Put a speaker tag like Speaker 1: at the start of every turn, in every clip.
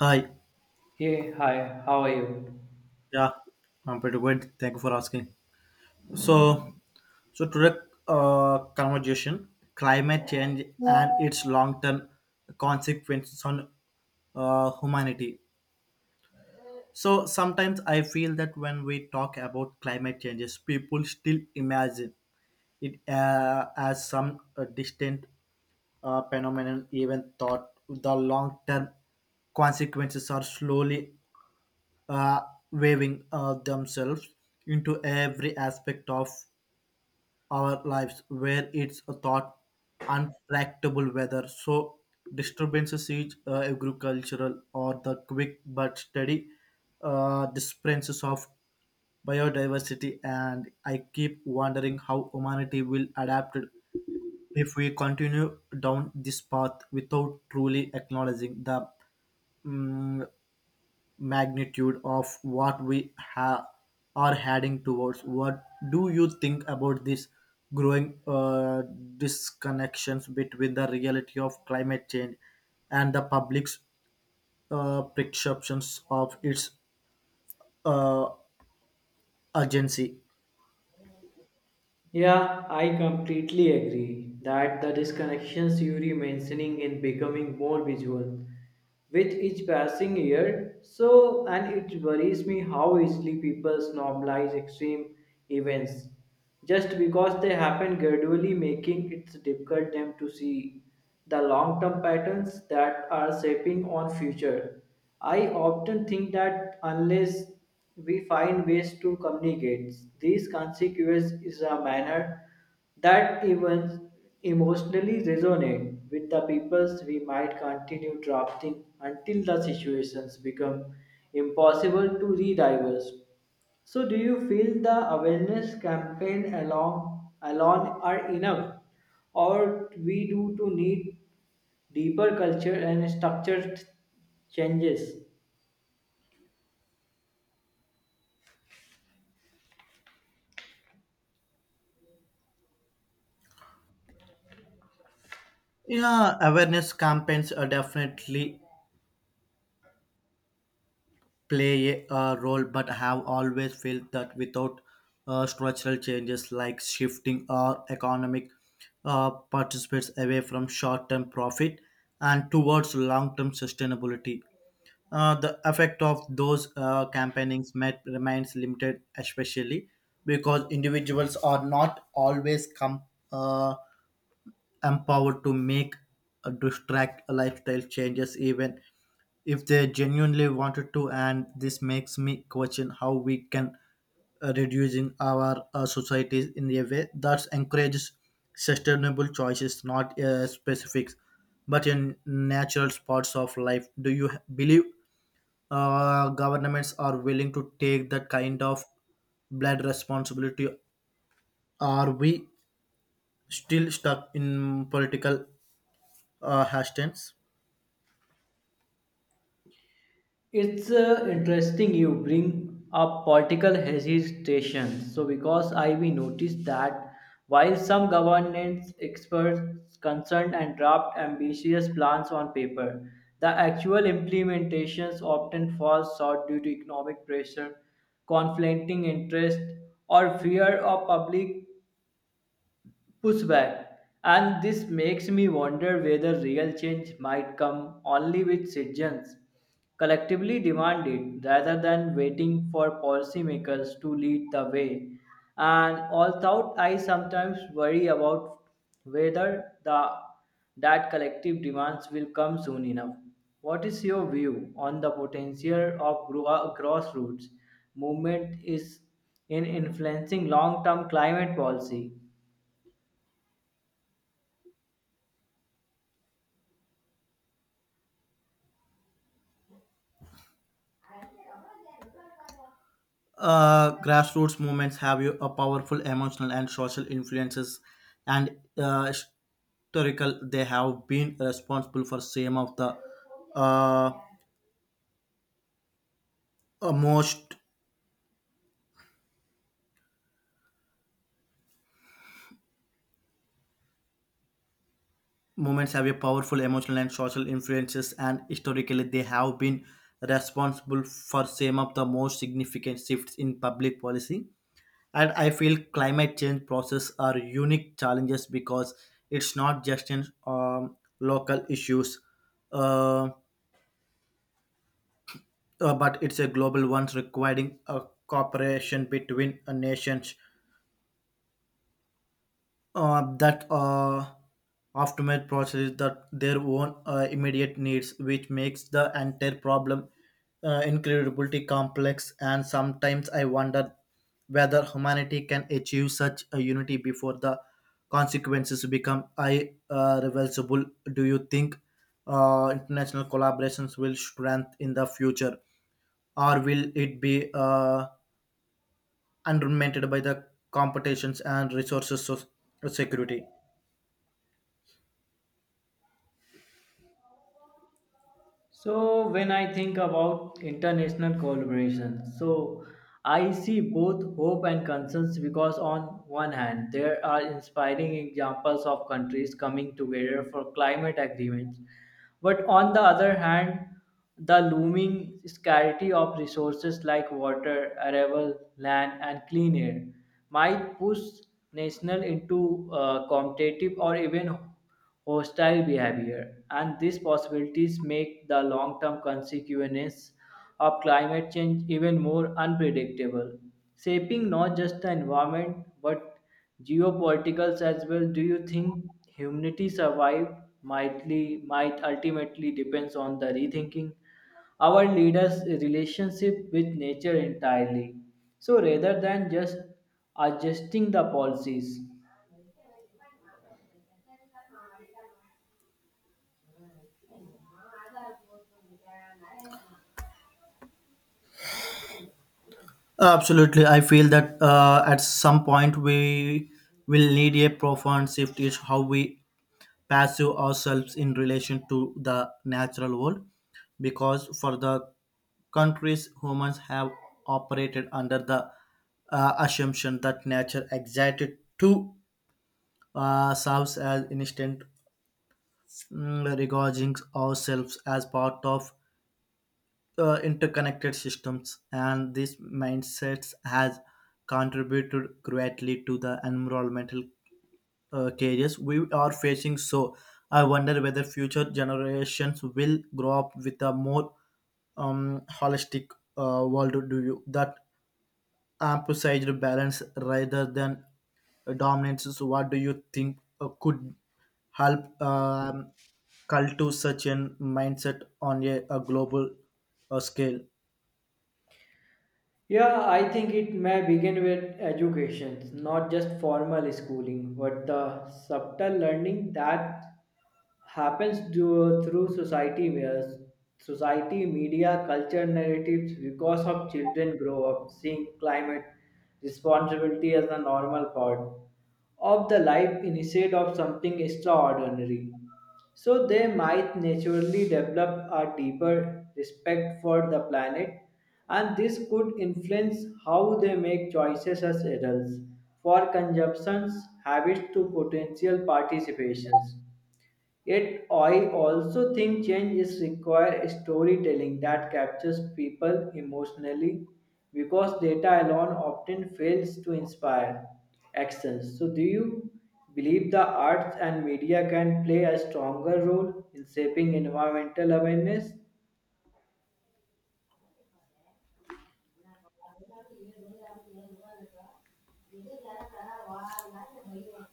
Speaker 1: Hi.
Speaker 2: Hey, hi, how are you?
Speaker 1: Yeah, I'm pretty good. Thank you for asking. So, so today conversation climate change and its long-term consequences on humanity. So sometimes I feel that when we talk about climate changes, people still imagine it as some distant phenomenon, even thought the long-term consequences are slowly uh, waving themselves into every aspect of our lives where it's a thought untractable weather so disturbances is agricultural or the quick but steady disappearances of biodiversity, and I keep wondering how humanity will adapt it if we continue down this path without truly acknowledging the mm, magnitude of what are heading towards. What do you think about this growing disconnections between the reality of climate change and the public's perceptions of its uh, urgency?
Speaker 2: Yeah, I completely agree that the disconnections you are mentioning in becoming more visual with each passing year. And it worries me how easily people normalize extreme events just because they happen gradually, making it difficult them to see the long-term patterns that are shaping on future. I often think that unless we find ways to communicate these consequences is a manner that even emotionally resonate with the peoples we might continue drafting until the situations become impossible to redivers. So do you feel the awareness campaign along alone are enough, or we do to need deeper culture and structure changes?
Speaker 1: Yeah, awareness campaigns are definitely play a role, but have always felt that without structural changes like shifting our economic participates away from short term profit and towards long term sustainability. The effect of those campaignings might remains limited, especially because individuals are not always uh, empowered to make distract lifestyle changes even if they genuinely wanted to, and this makes me question how we can reducing our societies in a way that encourages sustainable choices, not specifics but in natural parts of life. Do you believe governments are willing to take that kind of blood responsibility, are we still stuck in political hashtags.
Speaker 2: It's interesting you bring up political hesitation. So, because I we noticed that while some governance experts concerned and draft ambitious plans on paper, the actual implementations often fall short due to economic pressure, conflicting interest, or fear of public pushback. And this makes me wonder whether real change might come only with citizens collectively demand it rather than waiting for policymakers to lead the way. And although I sometimes worry about whether the that collective demands will come soon enough. What is your view on the potential of grassroots movement is in influencing long-term climate policy?
Speaker 1: Grassroots movements have a powerful emotional and social influences, and historical they have been responsible for some of the uh, most movements have a powerful emotional and social influences, and historically they have been responsible for some of the most significant shifts in public policy. And I feel climate change process are unique challenges because it's not just in local issues, uh, but it's a global one requiring a cooperation between nations. That aftermath process that their own immediate needs, which makes the entire problem incredibly complex. And sometimes I wonder whether humanity can achieve such a unity before the consequences become irreversible. Do you think international collaborations will strengthen in the future, or will it be undermined by the competitions and resources of security?
Speaker 2: So when I think about international collaboration, so I see both hope and concerns because on one hand there are inspiring examples of countries coming together for climate agreements, but on the other hand the looming scarcity of resources like water, arable, land and clean air might push national into competitive or even hostile behavior, and these possibilities make the long term consequences of climate change even more unpredictable, shaping not just the environment but geopolitics as well. Do you think humanity survive might ultimately depends on the rethinking our leaders' relationship with nature entirely? So rather than just adjusting the policies.
Speaker 1: Absolutely, I feel that at some point we will need a profound shift is how we perceive ourselves in relation to the natural world, because for the countries humans have operated under the assumption that nature existed to serves as instant, regarding ourselves as part of interconnected systems, and these mindsets has contributed greatly to the environmental cages we are facing. So I wonder whether future generations will grow up with a more holistic world do you that emphasized balance rather than dominance. So what do you think could help cultivate such an mindset on a global scale?
Speaker 2: Yeah, I think it may begin with education, not just formal schooling, but the subtle learning that happens through society where society, media, culture, narratives, because of children grow up seeing climate responsibility as a normal part of the life instead of something extraordinary. So they might naturally develop a deeper respect for the planet, and this could influence how they make choices as adults for consumptions, habits to potential participations. Yet, I also think change is require storytelling that captures people emotionally because data alone often fails to inspire actions. So, do you believe the arts and media can play a stronger role in shaping environmental awareness?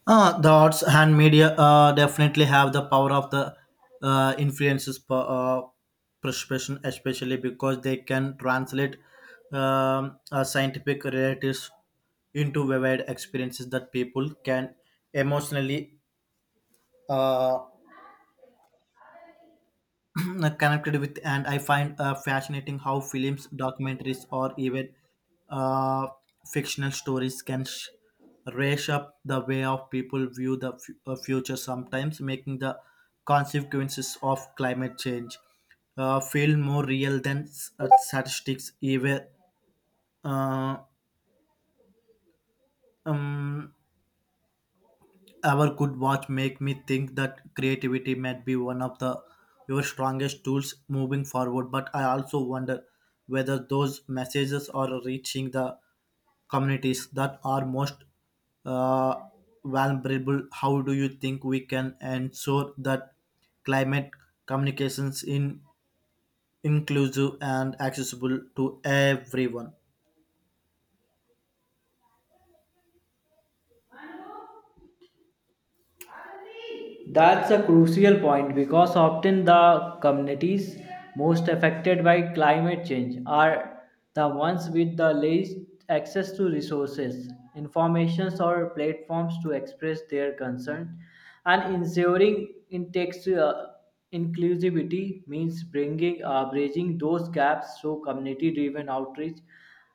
Speaker 1: The arts and media definitely have the power of the uh, influences per, uh, perception, especially because they can translate scientific realities into vivid experiences that people can emotionally uh, connected with, and I find fascinating how films documentaries or even uh, fictional stories can raise up the way of people view the future, sometimes making the consequences of climate change feel more real than statistics even uh, um, our good watch make me think that creativity might be one of the your strongest tools moving forward. But I also wonder whether those messages are reaching the communities that are most uh, vulnerable. How do you think we can ensure that climate communications in inclusive and accessible to everyone?
Speaker 2: That's a crucial point because often the communities most affected by climate change are the ones with the least access to resources, informations, or platforms to express their concern. And ensuring inclusivity means bringing bridging those gaps through community-driven outreach,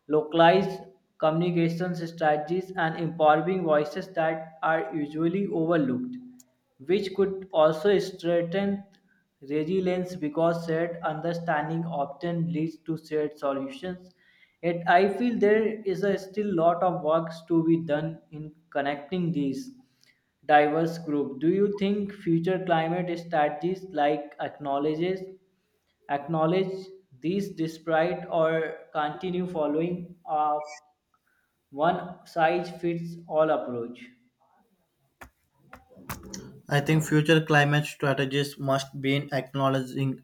Speaker 2: localized communication strategies, and empowering voices that are usually overlooked, which could also strengthen resilience because shared understanding often leads to shared solutions. Yet, I feel there is a still lot of work to be done in connecting these diverse groups. Do you think future climate strategies like acknowledge these despite or continue following a one size fits all approach?
Speaker 1: I think future climate strategies must be in acknowledging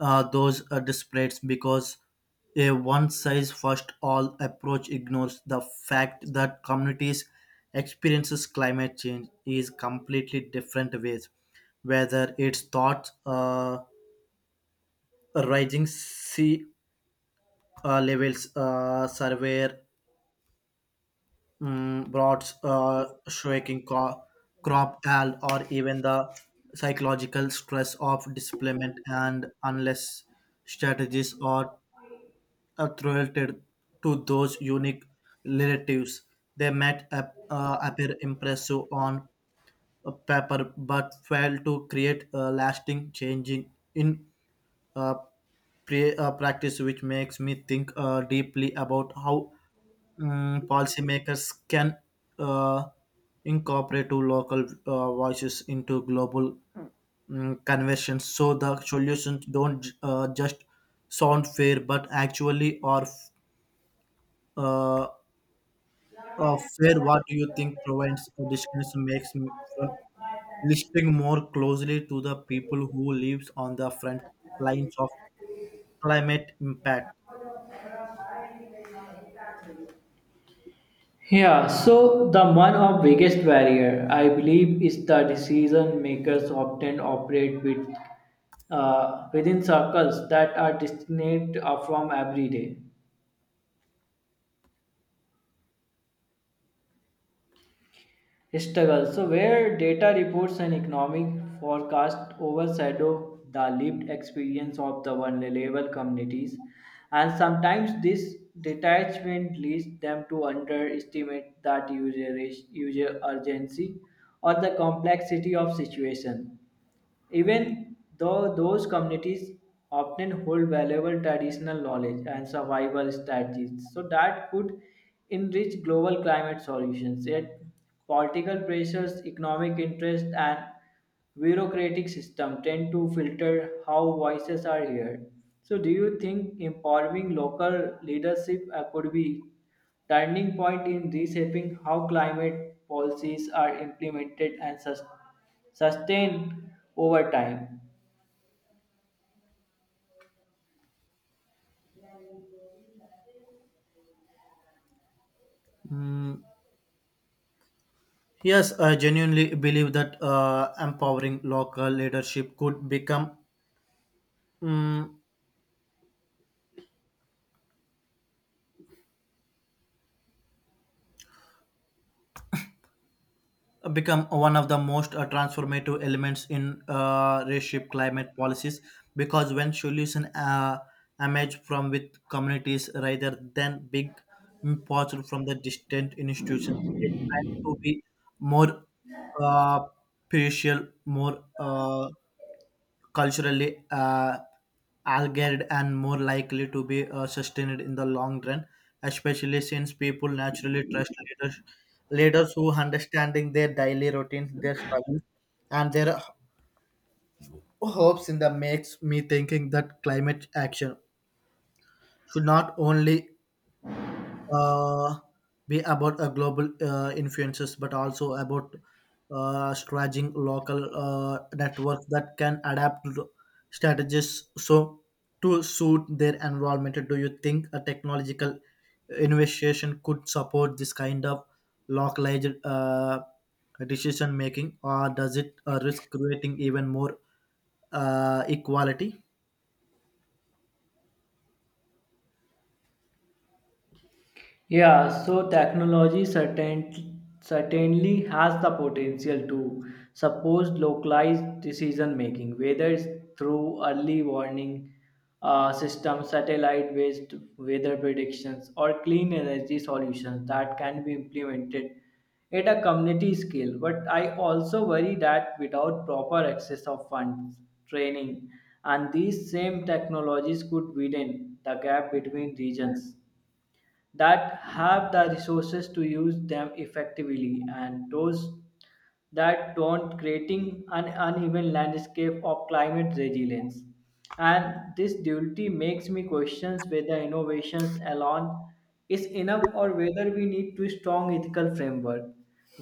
Speaker 1: those disparities because a one size fits all approach ignores the fact that communities experiences climate change is completely different ways, whether it's thought rising sea levels surveyor droughts, shrinking crop yield, or even the psychological stress of displacement, and unless strategies are attributed to those unique relatives. They might appear impressive on paper but fail to create a lasting changing in uh, practice, which makes me think deeply about how policymakers can uh, incorporate to local voices into global conversions so the solutions don't just sound fair but actually are uh, fair. What do you think provides discussions makes me from listening more closely to the people who lives on the front lines of climate impact?
Speaker 2: Yeah, so the one of biggest barrier I believe is the decision makers often operate with within circles that are distinct from every day struggle. So where data reports and economic forecast overshadow the lived experience of the vulnerable communities, and sometimes this detachment leads them to underestimate user urgency or the complexity of situation. Even though those communities often hold valuable traditional knowledge and survival strategies, so that could enrich global climate solutions. Yet, political pressures, economic interests, and bureaucratic system tend to filter how voices are heard. So, do you think empowering local leadership could be turning point in reshaping how climate policies are implemented and sustained over time.
Speaker 1: Mm, Yes, I genuinely believe that empowering local leadership could mm become one of the most transformative elements in reshape climate policies, because when solutions emerge from with communities rather than big imports from the distant institutions, they tend to be more uh, partial, more culturally algaed and more likely to be sustained in the long run, especially since people naturally trust leaders who understanding their daily routines, their struggles, and their hopes in the makes me thinking that climate action should not only uh, be about global influences, but also about strategizing local networks that can adapt to strategies so to suit their environment. Do you think a technological innovation could support this kind of localized decision making, or does it risk creating even more equality?
Speaker 2: Yeah, so technology certainly has the potential to support localized decision making, whether it's through early warning systems, satellite based weather predictions, or clean energy solutions that can be implemented at a community scale. But I also worry that without proper access of funds, training, and these same technologies could widen the gap between regions that have the resources to use them effectively and those that don't, creating an uneven landscape of climate resilience. And this duality makes me question whether innovations alone is enough or whether we need to strong ethical framework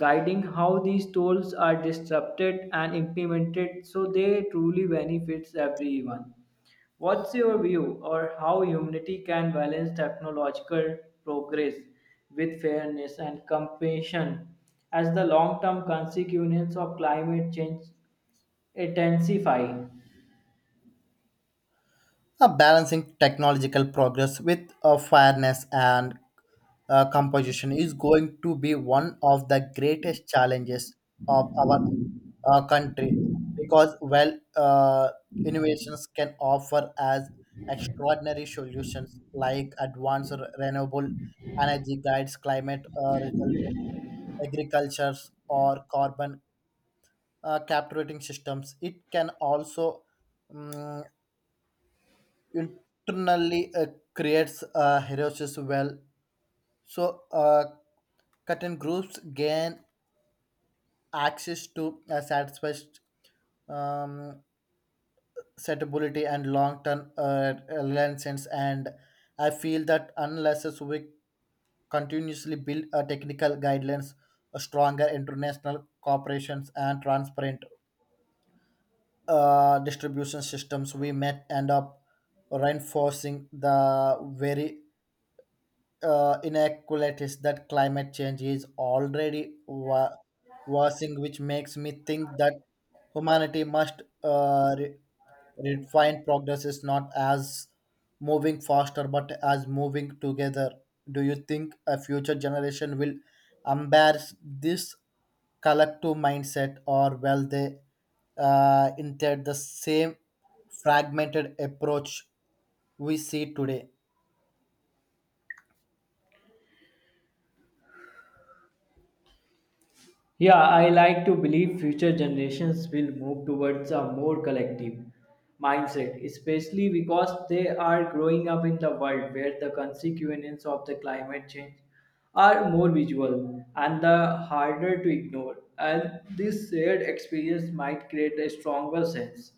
Speaker 2: guiding how these tools are disrupted and implemented so they truly benefits everyone. What's your view or how humanity can balance technological progress with fairness and compassion as the long-term consequences of climate change intensify?
Speaker 1: Balancing technological progress with fairness and composition is going to be one of the greatest challenges of our country because innovations can offer as extraordinary solutions like advanced renewable energy guides climate resilient agriculture or carbon capturing systems, it can also mm, internally creates a heroes well. So certain groups gain access to a satisfied um, setability and long-term license. And I feel that unless as we continuously build a technical guidelines, a stronger international corporations and transparent distribution systems, we may end up reinforcing the very inequalities that climate change is already worsening, which makes me think that humanity must refine progress is not as moving faster but as moving together. Do you think a future generation will embrace this collective mindset or will they inherit the same fragmented approach we see today?
Speaker 2: Yeah, I like to believe future generations will move towards a more collective mindset, especially because they are growing up in the world where the consequences of the climate change are more visual and the harder to ignore. And this shared experience might create a stronger sense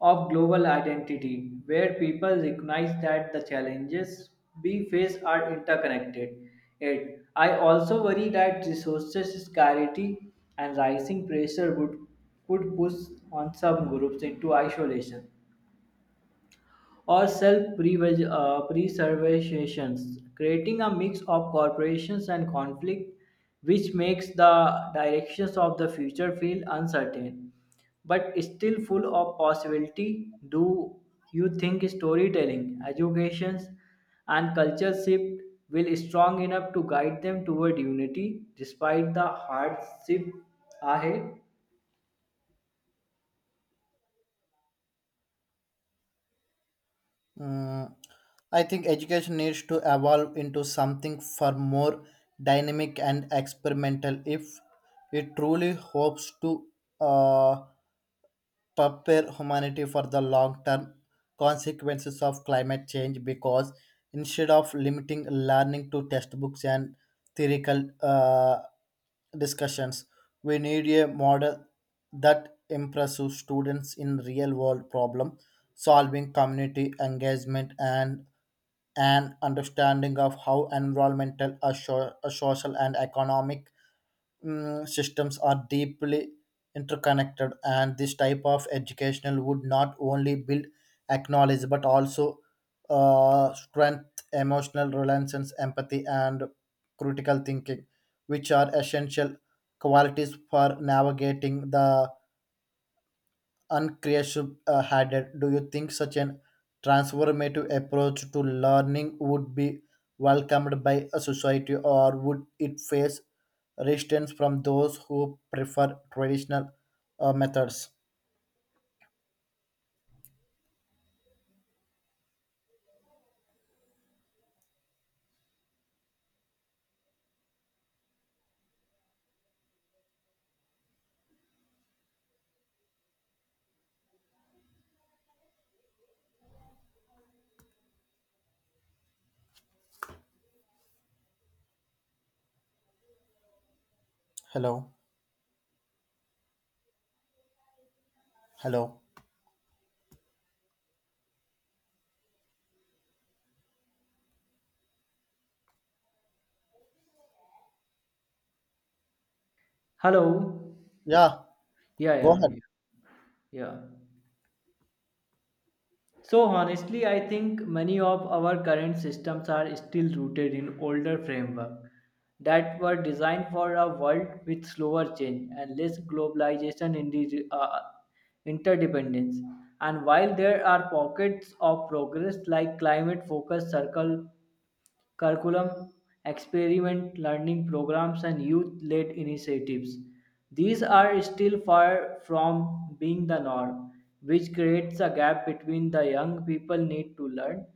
Speaker 2: of global identity, where people recognize that the challenges we face are interconnected. Yet, I also worry that resources scarcity and rising pressure would could push on some groups into isolation or self preservations, creating a mix of corporations and conflict, which makes the directions of the future feel uncertain but still full of possibility. Do you think storytelling, educations, and culture shift will strong enough to guide them toward unity despite the hardship ahead?
Speaker 1: Mm, I think education needs to evolve into something far more dynamic and experimental if it truly hopes to uh, prepare humanity for the long term consequences of climate change because instead of limiting learning to textbooks and theoretical discussions, we need a model that impresses students in real world problem solving, community engagement, and an understanding of how environmental, a social, and economic systems are deeply interconnected, and this type of educational would not only build acknowledge but also strength emotional reliance empathy and critical thinking, which are essential qualities for navigating the unclear should had it. Do you think such an transformative approach to learning would be welcomed by a society, or would it face resistance from those who prefer traditional methods? Hello, hello.
Speaker 2: Hello.
Speaker 1: Yeah,
Speaker 2: Yeah,
Speaker 1: go
Speaker 2: yeah, yeah.
Speaker 1: ahead.
Speaker 2: Yeah. So honestly, I think many of our current systems are still rooted in older framework that were designed for a world with slower change and less globalization in the interdependence. And while there are pockets of progress like climate focused circle curriculum, experiment learning programs, and youth led initiatives. These are still far from being the norm, which creates a gap between the young people need to learn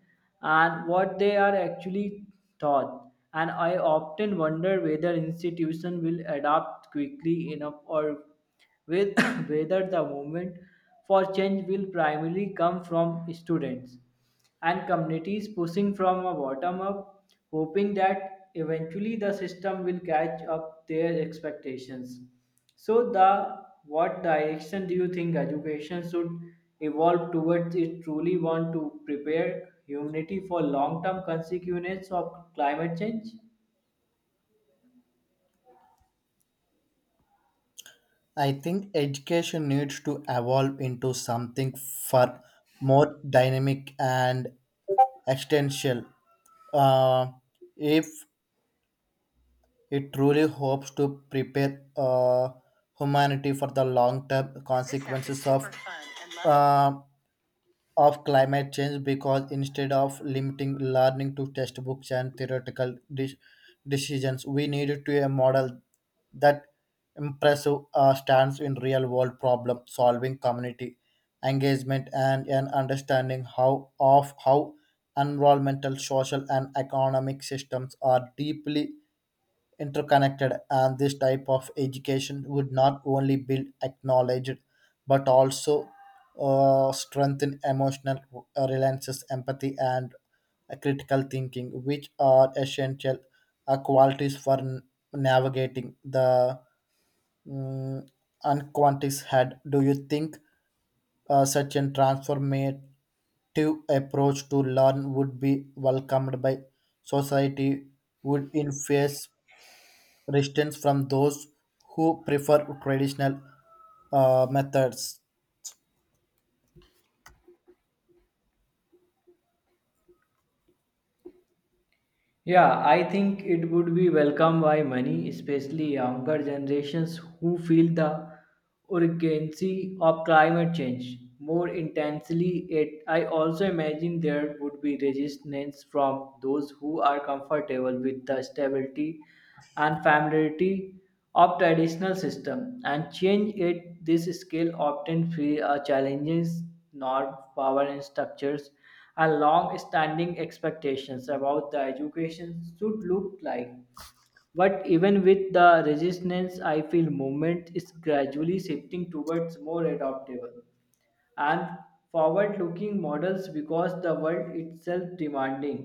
Speaker 2: and what they are actually taught. And I often wonder whether institutions will adapt quickly enough or with whether the movement for change will primarily come from students and communities pushing from a bottom up, hoping that eventually the system will catch up their expectations. So, the what direction do you think education should evolve towards it truly want to prepare humanity for long-term consequences of climate change?
Speaker 1: I think education needs to evolve into something far more dynamic and existential. Uh, if it truly hopes to prepare humanity for the long term consequences uh, of climate change because instead of limiting learning to textbooks and theoretical decisions, we need to a model that impressive stands in real world problem solving community engagement and an understanding how of how environmental social and economic systems are deeply interconnected, and this type of education would not only build acknowledged but also strengthen emotional reliances empathy and critical thinking, which are essential qualities for navigating the mm, unquantity's head. Do you think such a transformative approach to learn would be welcomed by society would in face resistance from those who prefer traditional methods.
Speaker 2: Yeah, I think it would be welcomed by many, especially younger generations who feel the urgency of climate change more intensely. It, I also imagine there would be resistance from those who are comfortable with the stability and familiarity of traditional system and change it this scale often free challenges norm power and structures and long standing expectations about the education should look like. But even with the resistance I feel movement is gradually shifting towards more adaptable and forward looking models because the world itself demanding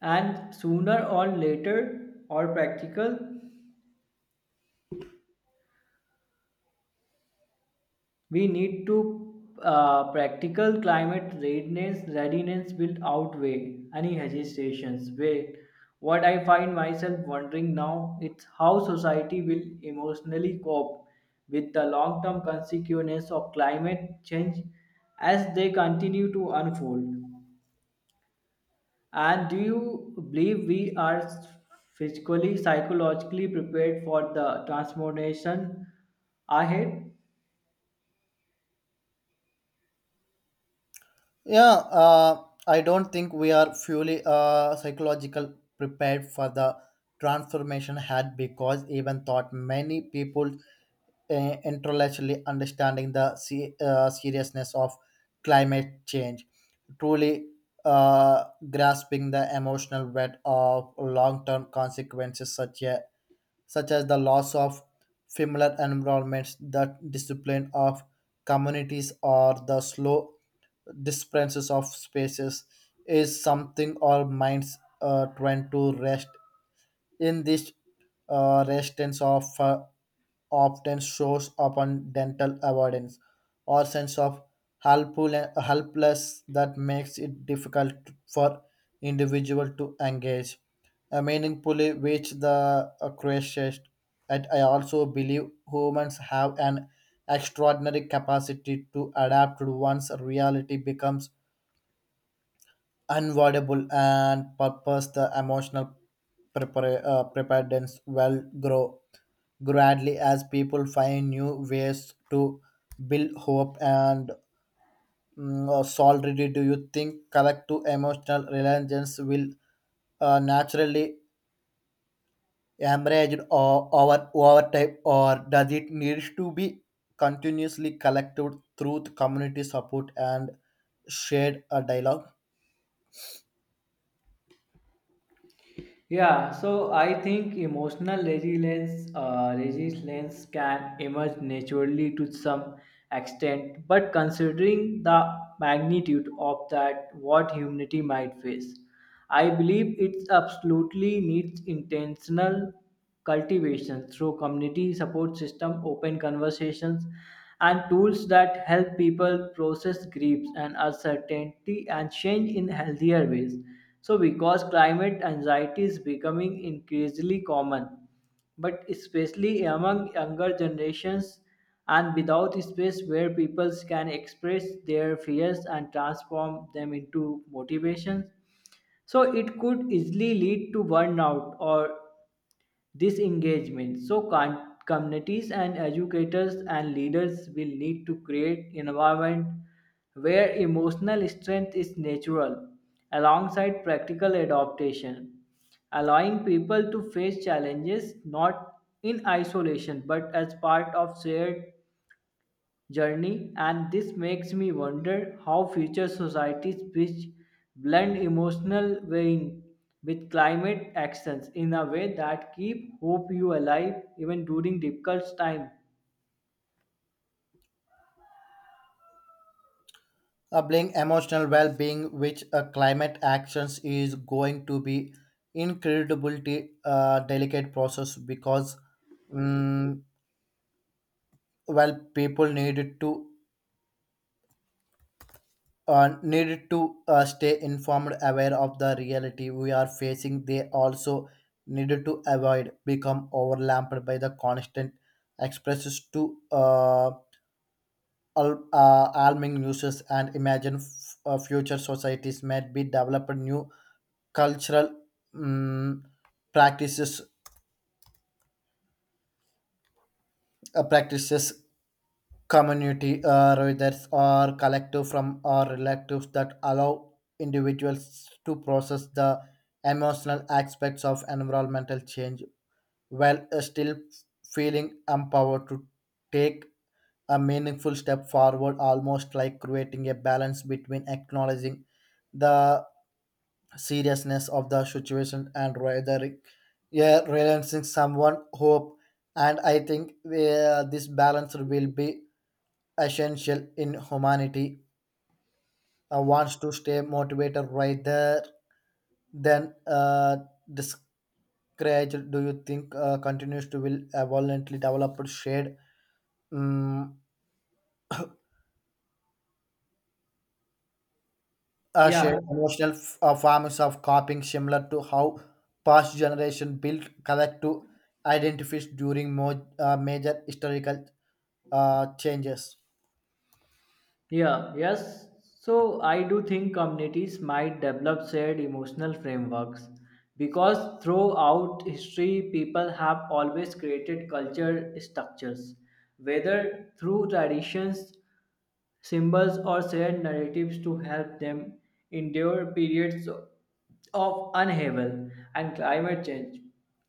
Speaker 2: and sooner or later or practical. We need to Practical climate readiness will outweigh any hesitations. Wait, what I find myself wondering now is how society will emotionally cope with the long-term consequences of climate change as they continue to unfold. And do you believe we are physically, psychologically prepared for the transformation ahead?
Speaker 1: Yeah, I don't think we are fully psychological prepared for the transformation had, because even thought many people intellectually understanding the seriousness of climate change, truly uh, grasping the emotional weight of long-term consequences such a such as the loss of familiar environments, the discipline of communities, or the slow disappearances of spaces, is something our minds tend to rest in this resistance of often shows up on dental avoidance or sense of helpful- helpless that makes it difficult for individual to engage meaningfully with the crisis. And I also believe humans have an extraordinary capacity to adapt to one's reality becomes unavoidable and purpose the emotional preparedness will grow gradually as people find new ways to build hope and solidarity. Do you think collective emotional reliance will naturally emerge or over time, or does it need to be continuously collected through the community support and shared dialogue?
Speaker 2: Yeah, so I think emotional resilience can emerge naturally to some extent, but considering the magnitude of that, what humanity might face, I believe it absolutely needs intentional cultivation through community support system, open conversations, and tools that help people process griefs and uncertainty and change in healthier ways. So, because climate anxiety is becoming increasingly common, but especially among younger generations and without space where people can express their fears and transform them into motivations, so it could easily lead to burnout or disengagement. So, communities and educators and leaders will need to create environment where emotional strength is natural alongside practical adaptation, allowing people to face challenges not in isolation but as part of shared journey, and this makes me wonder how future societies which blend emotional weighing with climate actions in a way that keep hope you alive even during difficult time.
Speaker 1: Doubling emotional well-being, which climate actions is going to be incredibly delicate process because, mm well, people needed to stay informed, aware of the reality we are facing. They also needed to avoid become overlapped by the constant expresses to alarming news, and imagine future societies might be developed new cultural mm, practices practices community rather or collective from or relatives that allow individuals to process the emotional aspects of environmental change while still feeling empowered to take a meaningful step forward, almost like creating a balance between acknowledging the seriousness of the situation and rather yeah, realizing someone hope. And I think this balance will be essential in humanity. Wants to stay motivated rather than discouraged. Do you think continues to will violently develop shared? Mm
Speaker 2: Yeah,
Speaker 1: shared emotional forms of coping similar to how past generation built collective identities during more major historical changes.
Speaker 2: yeah, yes. So I do think communities might develop shared emotional frameworks because throughout history, people have always created culture structures, whether through traditions symbols, or shared narratives to help them endure periods of upheaval and climate change.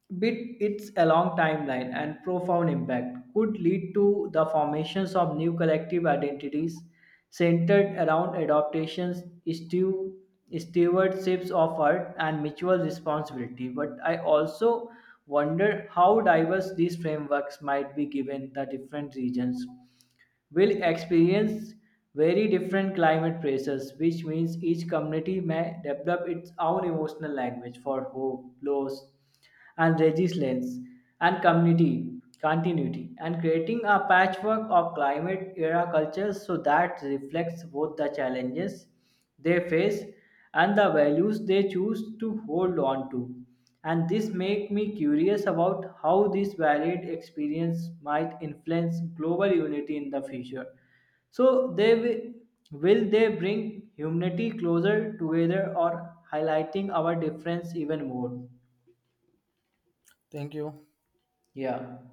Speaker 2: But it's a long timeline and profound impact could lead to the formations of new collective identities centered around adaptations, stew- stewardships of earth, and mutual responsibility. But I also wonder how diverse these frameworks might be given the different regions will experience very different climate pressures, which means each community may develop its own emotional language for hope, loss, and resilience, and community continuity, and creating a patchwork of climate era cultures so that reflects both the challenges they face and the values they choose to hold on to. And this make me curious about how this varied experience might influence global unity in the future. So they will they bring humanity closer together or highlighting our difference even more?
Speaker 1: Thank you.
Speaker 2: Yeah.